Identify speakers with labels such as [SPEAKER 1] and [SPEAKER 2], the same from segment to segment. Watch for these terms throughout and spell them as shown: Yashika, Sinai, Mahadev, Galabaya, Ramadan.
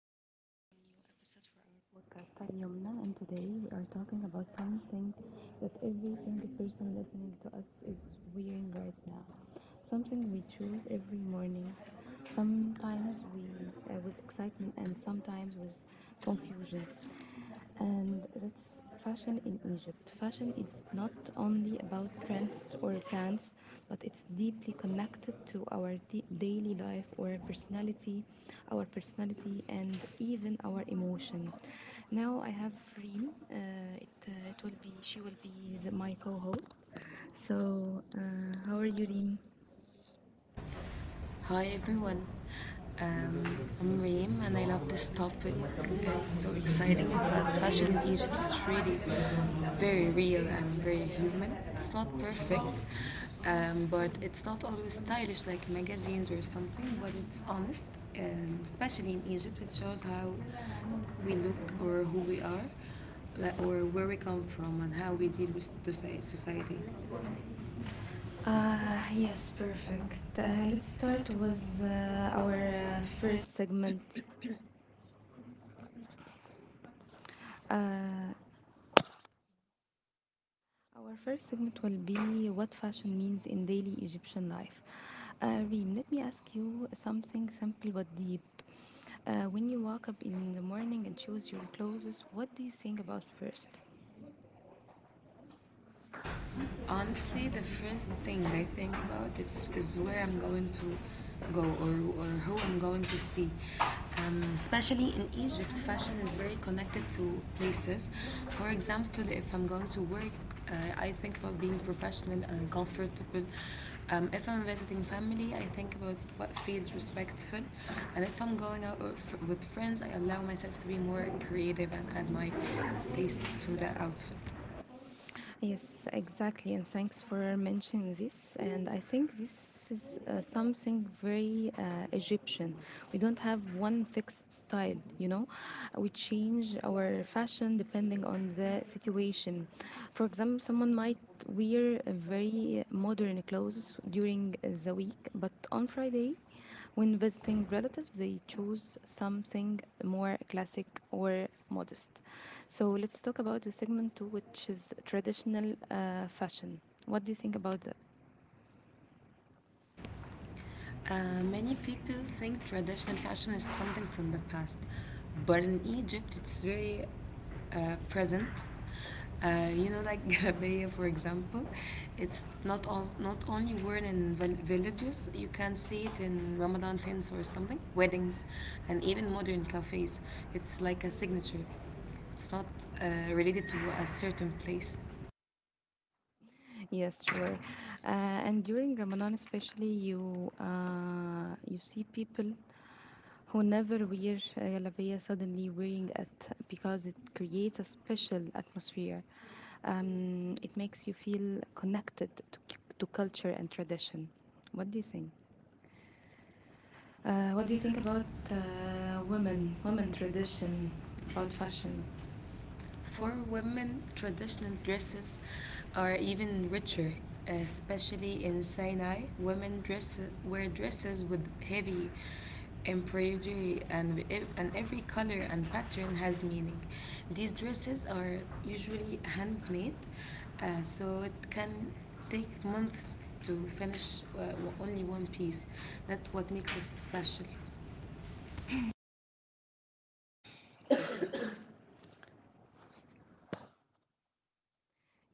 [SPEAKER 1] and welcome to a new episode for our podcast. I'm Yomna, and today we are talking about something that every single person listening to us is wearing right now. Something we choose every morning, sometimes we, with excitement and sometimes with confusion, and that's fashion in Egypt. Fashion is not only about trends or brands, but it's deeply connected to our daily life or personality, our personality, and even our emotion. Now I have Reem. It, it will be she will be my co-host. So uh, how are you, Reem?
[SPEAKER 2] Hi everyone. Um, I'm Reem and I love this topic. It's so exciting because fashion in Egypt is really very real and very human. It's not perfect, but it's not always stylish like magazines or something, but it's honest, especially in Egypt. It shows how we look or who we are, like, or where we come from and how we deal with the society. Uh,
[SPEAKER 1] Ah, yes,
[SPEAKER 2] yes, perfect.
[SPEAKER 1] perfect. Let's
[SPEAKER 2] Let's
[SPEAKER 1] start
[SPEAKER 2] start
[SPEAKER 1] with
[SPEAKER 2] with our
[SPEAKER 1] our
[SPEAKER 2] uh,
[SPEAKER 1] first segment. Uh, Our first segment will be what fashion means in daily Egyptian life. Reem, let me ask you something simple but deep. When you wake up in the morning and choose your clothes, what do you think about first?
[SPEAKER 2] Honestly, the first thing I think about is where I'm going to go or who I'm going to see. Especially in Egypt, fashion is very connected to places. For example, if I'm going to work, I think about being professional and comfortable. If I'm visiting family, I think about what feels respectful. And if I'm going out with friends, I allow myself to be more creative and add my taste to that outfit.
[SPEAKER 1] Yes, exactly. And thanks for mentioning this. And I think this is something very Egyptian. We don't have one fixed style, you know. We change our fashion depending on the situation. For example, someone might wear very modern clothes during the week, but on Friday, when visiting relatives, they choose something more classic or modest. So let's talk about the segment two, which is traditional fashion. What do you think about that?
[SPEAKER 2] Many people think traditional fashion is something from the past, but in Egypt it's very present. You know, like Galabaya, for example, it's not only worn in villages. You can see it in Ramadan tents or something, weddings, and even modern cafes. It's like a signature. It's not related to a certain place.
[SPEAKER 1] Yes, sure. Uh, and during Ramadan, especially, you see people who never wear galabia suddenly wearing it because it creates a special atmosphere. It makes you feel connected to culture and tradition. What do you think? What
[SPEAKER 2] What
[SPEAKER 1] do
[SPEAKER 2] do
[SPEAKER 1] you
[SPEAKER 2] you
[SPEAKER 1] think
[SPEAKER 2] think
[SPEAKER 1] about
[SPEAKER 2] about
[SPEAKER 1] women
[SPEAKER 2] women
[SPEAKER 1] tradition,
[SPEAKER 2] tradition,
[SPEAKER 1] about
[SPEAKER 2] about
[SPEAKER 1] fashion?
[SPEAKER 2] fashion? For women, traditional dresses are even richer, especially in Sinai. Women wear dresses with heavy embroidery, and every color and pattern has meaning. These dresses are usually handmade, so it can take months to finish only one piece. That's what makes it special.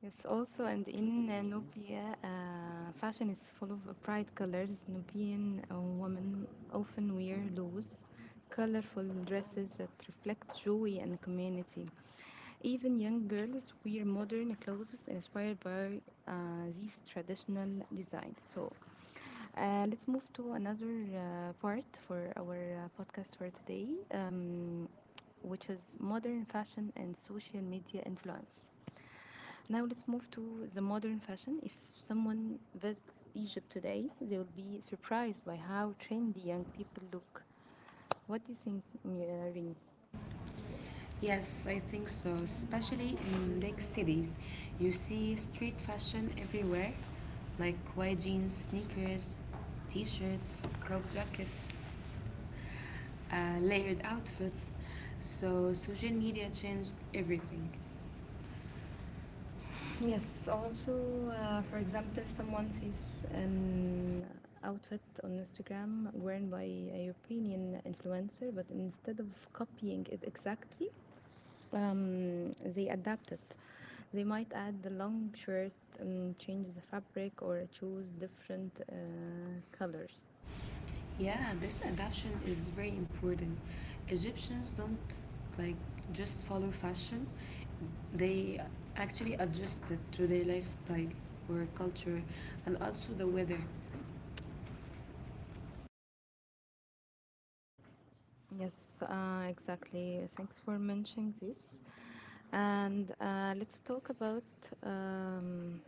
[SPEAKER 1] Yes, also, and in Nubia, fashion is full of bright colors. Nubian women often wear loose, colorful dresses that reflect joy and community. Even young girls wear modern clothes inspired by uh, these traditional designs. So let's move to another part for our podcast for today, which is modern fashion and social media influence. Now let's move to the modern fashion. If someone visits Egypt today, they will be surprised by how trendy young people look. What do you think, Rins?
[SPEAKER 2] Yes, I think so. Especially in big cities, you see street fashion everywhere, like wide jeans, sneakers, t-shirts, crop jackets, layered outfits. So social media changed everything. Yes,
[SPEAKER 1] Yes,
[SPEAKER 2] also,
[SPEAKER 1] also,
[SPEAKER 2] for
[SPEAKER 1] for
[SPEAKER 2] example,
[SPEAKER 1] example,
[SPEAKER 2] someone
[SPEAKER 1] someone sees
[SPEAKER 2] sees an.
[SPEAKER 1] an outfit on Instagram worn by a European influencer, but instead of copying it exactly, they adapt it. They might add the long shirt and change the fabric or choose different colors.
[SPEAKER 2] Yeah, this adaptation is very important. Egyptians don't like just follow fashion, they actually adjust it to their lifestyle or culture and also the weather.
[SPEAKER 1] Yes, exactly. Thanks for mentioning this. And let's talk about um,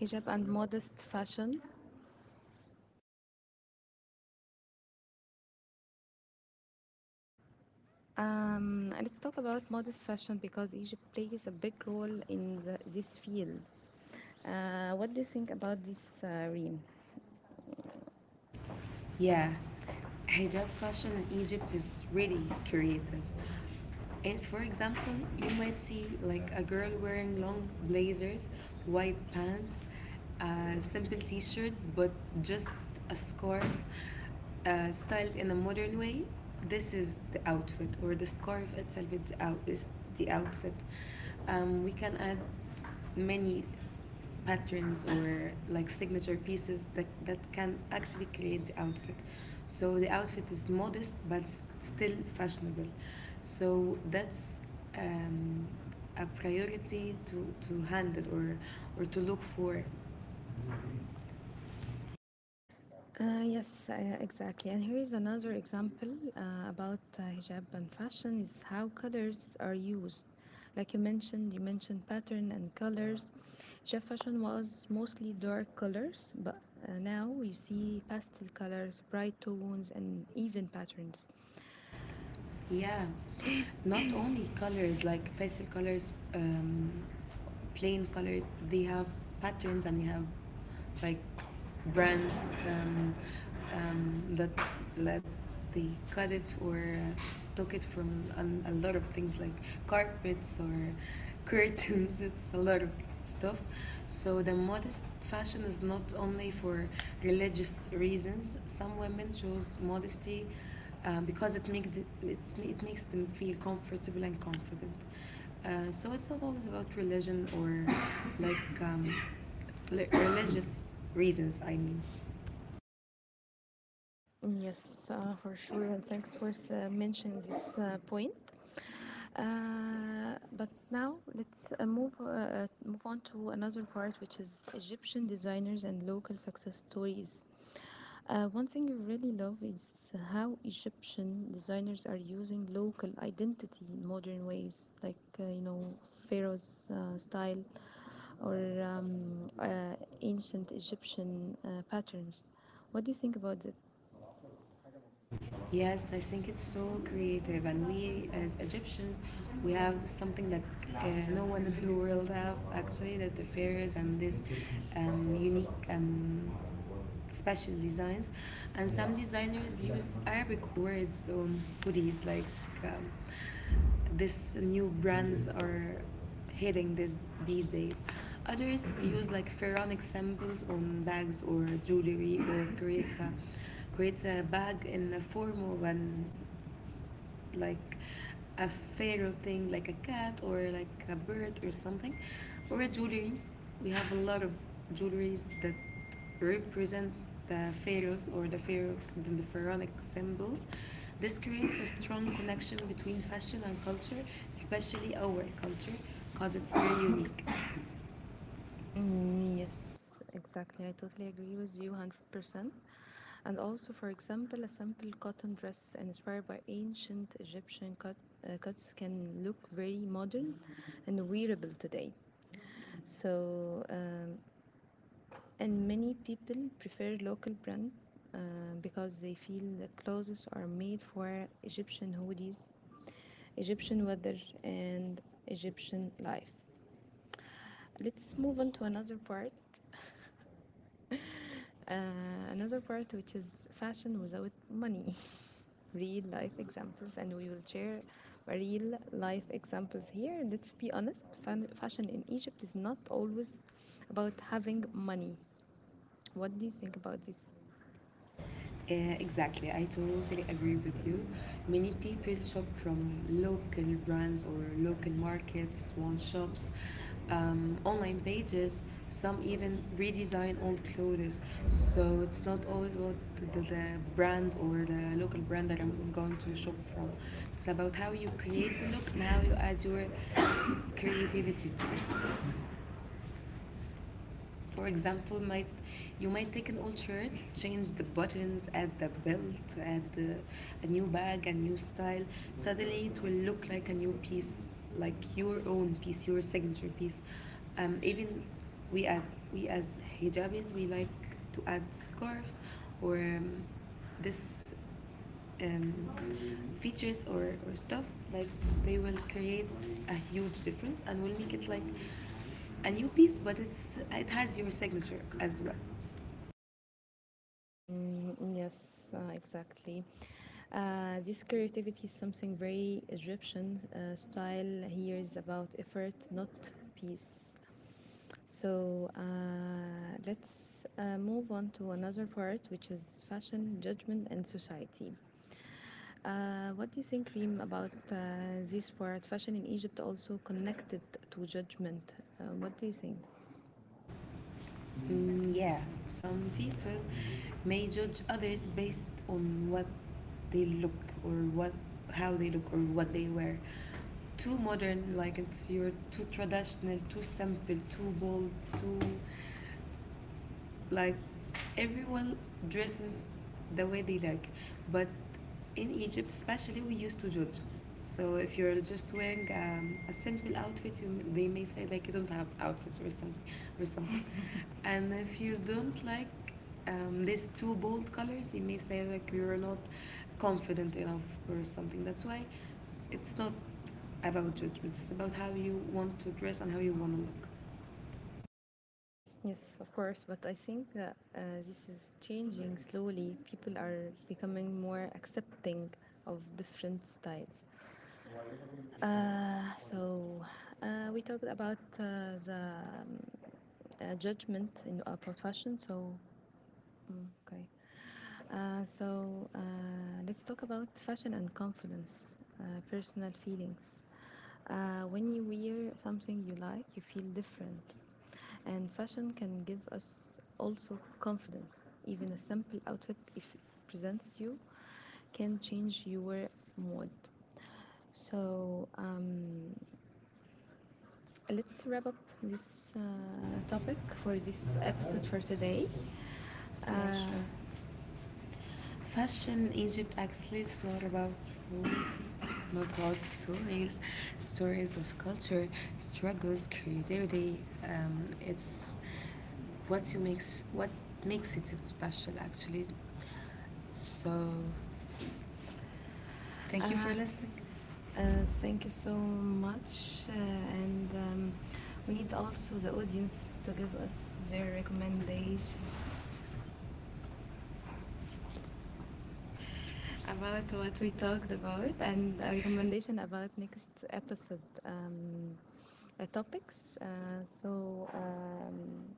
[SPEAKER 1] hijab and modest fashion. Let's talk about modest fashion because Egypt plays a big role in this field. What do you think about this, Reem?
[SPEAKER 2] Yeah, hijab fashion in Egypt is really creative. And for example, you might see like a girl wearing long blazers, white pants, a simple t-shirt, but just a scarf styled in a modern way. This is the outfit, or the scarf itself is the outfit. We can add many patterns or like signature pieces that can actually create the outfit. So the outfit is modest but still fashionable. So that's um, a priority to handle or to look for.
[SPEAKER 1] Yes, exactly. And here is another example about hijab and fashion is how colors are used. Like you mentioned pattern and colors. Hijab fashion was mostly dark colors, but now you see pastel colors, bright tones, and even patterns.
[SPEAKER 2] Yeah, not only colors like pastel colors, plain colors, they have patterns and they have like brands um, that let they cut it or took it from a lot of things like carpets or curtains. It's a lot of stuff. So the modest fashion is not only for religious reasons. Some women chose modesty because it makes them feel comfortable and confident. So it's not always about religion or like religious reasons, I mean.
[SPEAKER 1] Yes, for sure. And thanks for mentioning this point. But now let's move on to another part, which is Egyptian designers and local success stories. One thing I really love is how Egyptian designers are using local identity in modern ways, like you know, Pharaoh's style or um, uh, ancient Egyptian patterns. What do you think about it?
[SPEAKER 2] Yes, I think it's so creative, and we as Egyptians, we have something that uh, no one in the world have actually that the fairies and this unique and special designs, and some designers use Arabic words on hoodies like um, this new brands are hitting this these days. Others use like pharaonic symbols on bags or jewelry or creates a bag in the form of an like a pharaoh thing, like a cat or like a bird or something, or a jewelry. We have a lot of jewelries that represents the pharaohs or the pharaonic symbols. This creates a strong connection between fashion and culture, especially our culture, because it's very unique.
[SPEAKER 1] Mm, yes, exactly. I totally agree with you 100%. And also, for example, a simple cotton dress inspired by cuts can look very modern and wearable today. So, um, and many people prefer local brand uh, because they feel the clothes are made for Egyptian hoodies, Egyptian weather, and Egyptian life. Let's move on to another part. Another part, which is fashion without money, real life examples, and we will share real life examples here. Let's be honest, fashion in Egypt is not always about having money. What do you think about this?
[SPEAKER 2] Exactly, I totally agree with you. Many people shop from local brands or local markets, small shops, online pages. Some even redesign old clothes. So it's not always about the brand or the local brand that I'm going to shop from. It's about how you create the look and how you add your creativity to it. For example, might you might take an old shirt, change the buttons, add the belt, a new bag, a new style. Suddenly, it will look like a new piece, like your own piece, your signature piece. Even we add we, as hijabis, we like to add scarves or this um, features or stuff like they will create a huge difference and will make it like a new piece but it has your signature as well.
[SPEAKER 1] Mm, yes, exactly. This creativity is something very Egyptian. Style here is about effort, not peace. So let's move on to another part, which is fashion, judgment, and society. What do you think, Reem, about this word fashion in Egypt also connected to judgment? What do you think?
[SPEAKER 2] Yeah, some people may judge others based on what they look or what how they look or what they wear. Too modern, like, it's you're too traditional, too simple, too bold, too like everyone dresses the way they like, but in Egypt especially we used to judge. So if you're just wearing a simple outfit they may say like you don't have outfits or something. And if you don't like these two bold colors, they may say like you're not confident enough or something. That's why it's not about judgments, it's about how you want to dress and how you want to look.
[SPEAKER 1] Yes, of course, but I think that this is changing slowly. People are becoming more accepting of different styles. Uh, so, we talked about the um, judgment in about fashion. Mm, okay. Uh, so uh, let's talk about fashion and confidence, personal feelings. When you wear something you like, you feel different. And fashion can give us also confidence. Even a simple outfit, if it presents you, can change your mood. So let's wrap up this topic
[SPEAKER 2] Topic for
[SPEAKER 1] for
[SPEAKER 2] this
[SPEAKER 1] this episode
[SPEAKER 2] episode
[SPEAKER 1] for
[SPEAKER 2] for today.
[SPEAKER 1] today.
[SPEAKER 2] Uh,
[SPEAKER 1] Uh,
[SPEAKER 2] Fashion in Egypt actually is not about rules, not about stories, stories of culture, struggles, creativity. It's what makes it special actually. So thank you for
[SPEAKER 1] uh,
[SPEAKER 2] Listening. Uh,
[SPEAKER 1] Thank
[SPEAKER 2] thank
[SPEAKER 1] you
[SPEAKER 2] you
[SPEAKER 1] so
[SPEAKER 2] so
[SPEAKER 1] much.
[SPEAKER 2] much, and
[SPEAKER 1] And We
[SPEAKER 2] we
[SPEAKER 1] need
[SPEAKER 2] need also
[SPEAKER 1] also
[SPEAKER 2] the
[SPEAKER 1] the
[SPEAKER 2] audience
[SPEAKER 1] audience
[SPEAKER 2] to
[SPEAKER 1] to
[SPEAKER 2] give
[SPEAKER 1] give
[SPEAKER 2] us
[SPEAKER 1] us
[SPEAKER 2] their
[SPEAKER 1] their recommendations
[SPEAKER 2] recommendation about
[SPEAKER 1] about
[SPEAKER 2] what
[SPEAKER 1] what
[SPEAKER 2] we
[SPEAKER 1] we
[SPEAKER 2] talked
[SPEAKER 1] talked about
[SPEAKER 2] about and
[SPEAKER 1] and
[SPEAKER 2] a
[SPEAKER 1] a
[SPEAKER 2] recommendation
[SPEAKER 1] recommendation about next episode topics.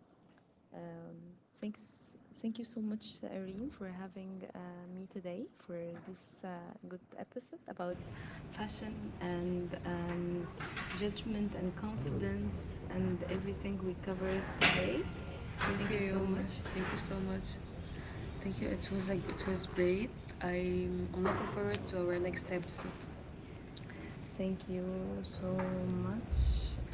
[SPEAKER 1] um, thanks, Thank you so much, Irene, for having me today for this good episode
[SPEAKER 2] about
[SPEAKER 1] about
[SPEAKER 2] fashion
[SPEAKER 1] fashion
[SPEAKER 2] and
[SPEAKER 1] and
[SPEAKER 2] judgment
[SPEAKER 1] judgment
[SPEAKER 2] and
[SPEAKER 1] and
[SPEAKER 2] confidence
[SPEAKER 1] confidence
[SPEAKER 2] and
[SPEAKER 1] and
[SPEAKER 2] everything
[SPEAKER 1] everything
[SPEAKER 2] we
[SPEAKER 1] we covered
[SPEAKER 2] covered
[SPEAKER 1] today.
[SPEAKER 2] today.
[SPEAKER 1] Thank you
[SPEAKER 2] Thank you so
[SPEAKER 1] so
[SPEAKER 2] much.
[SPEAKER 1] much.
[SPEAKER 2] Thank you so much. Thank you. It was great. I'm looking forward to our next episode. Thank
[SPEAKER 1] Thank
[SPEAKER 2] you
[SPEAKER 1] you
[SPEAKER 2] so
[SPEAKER 1] so much,
[SPEAKER 2] much.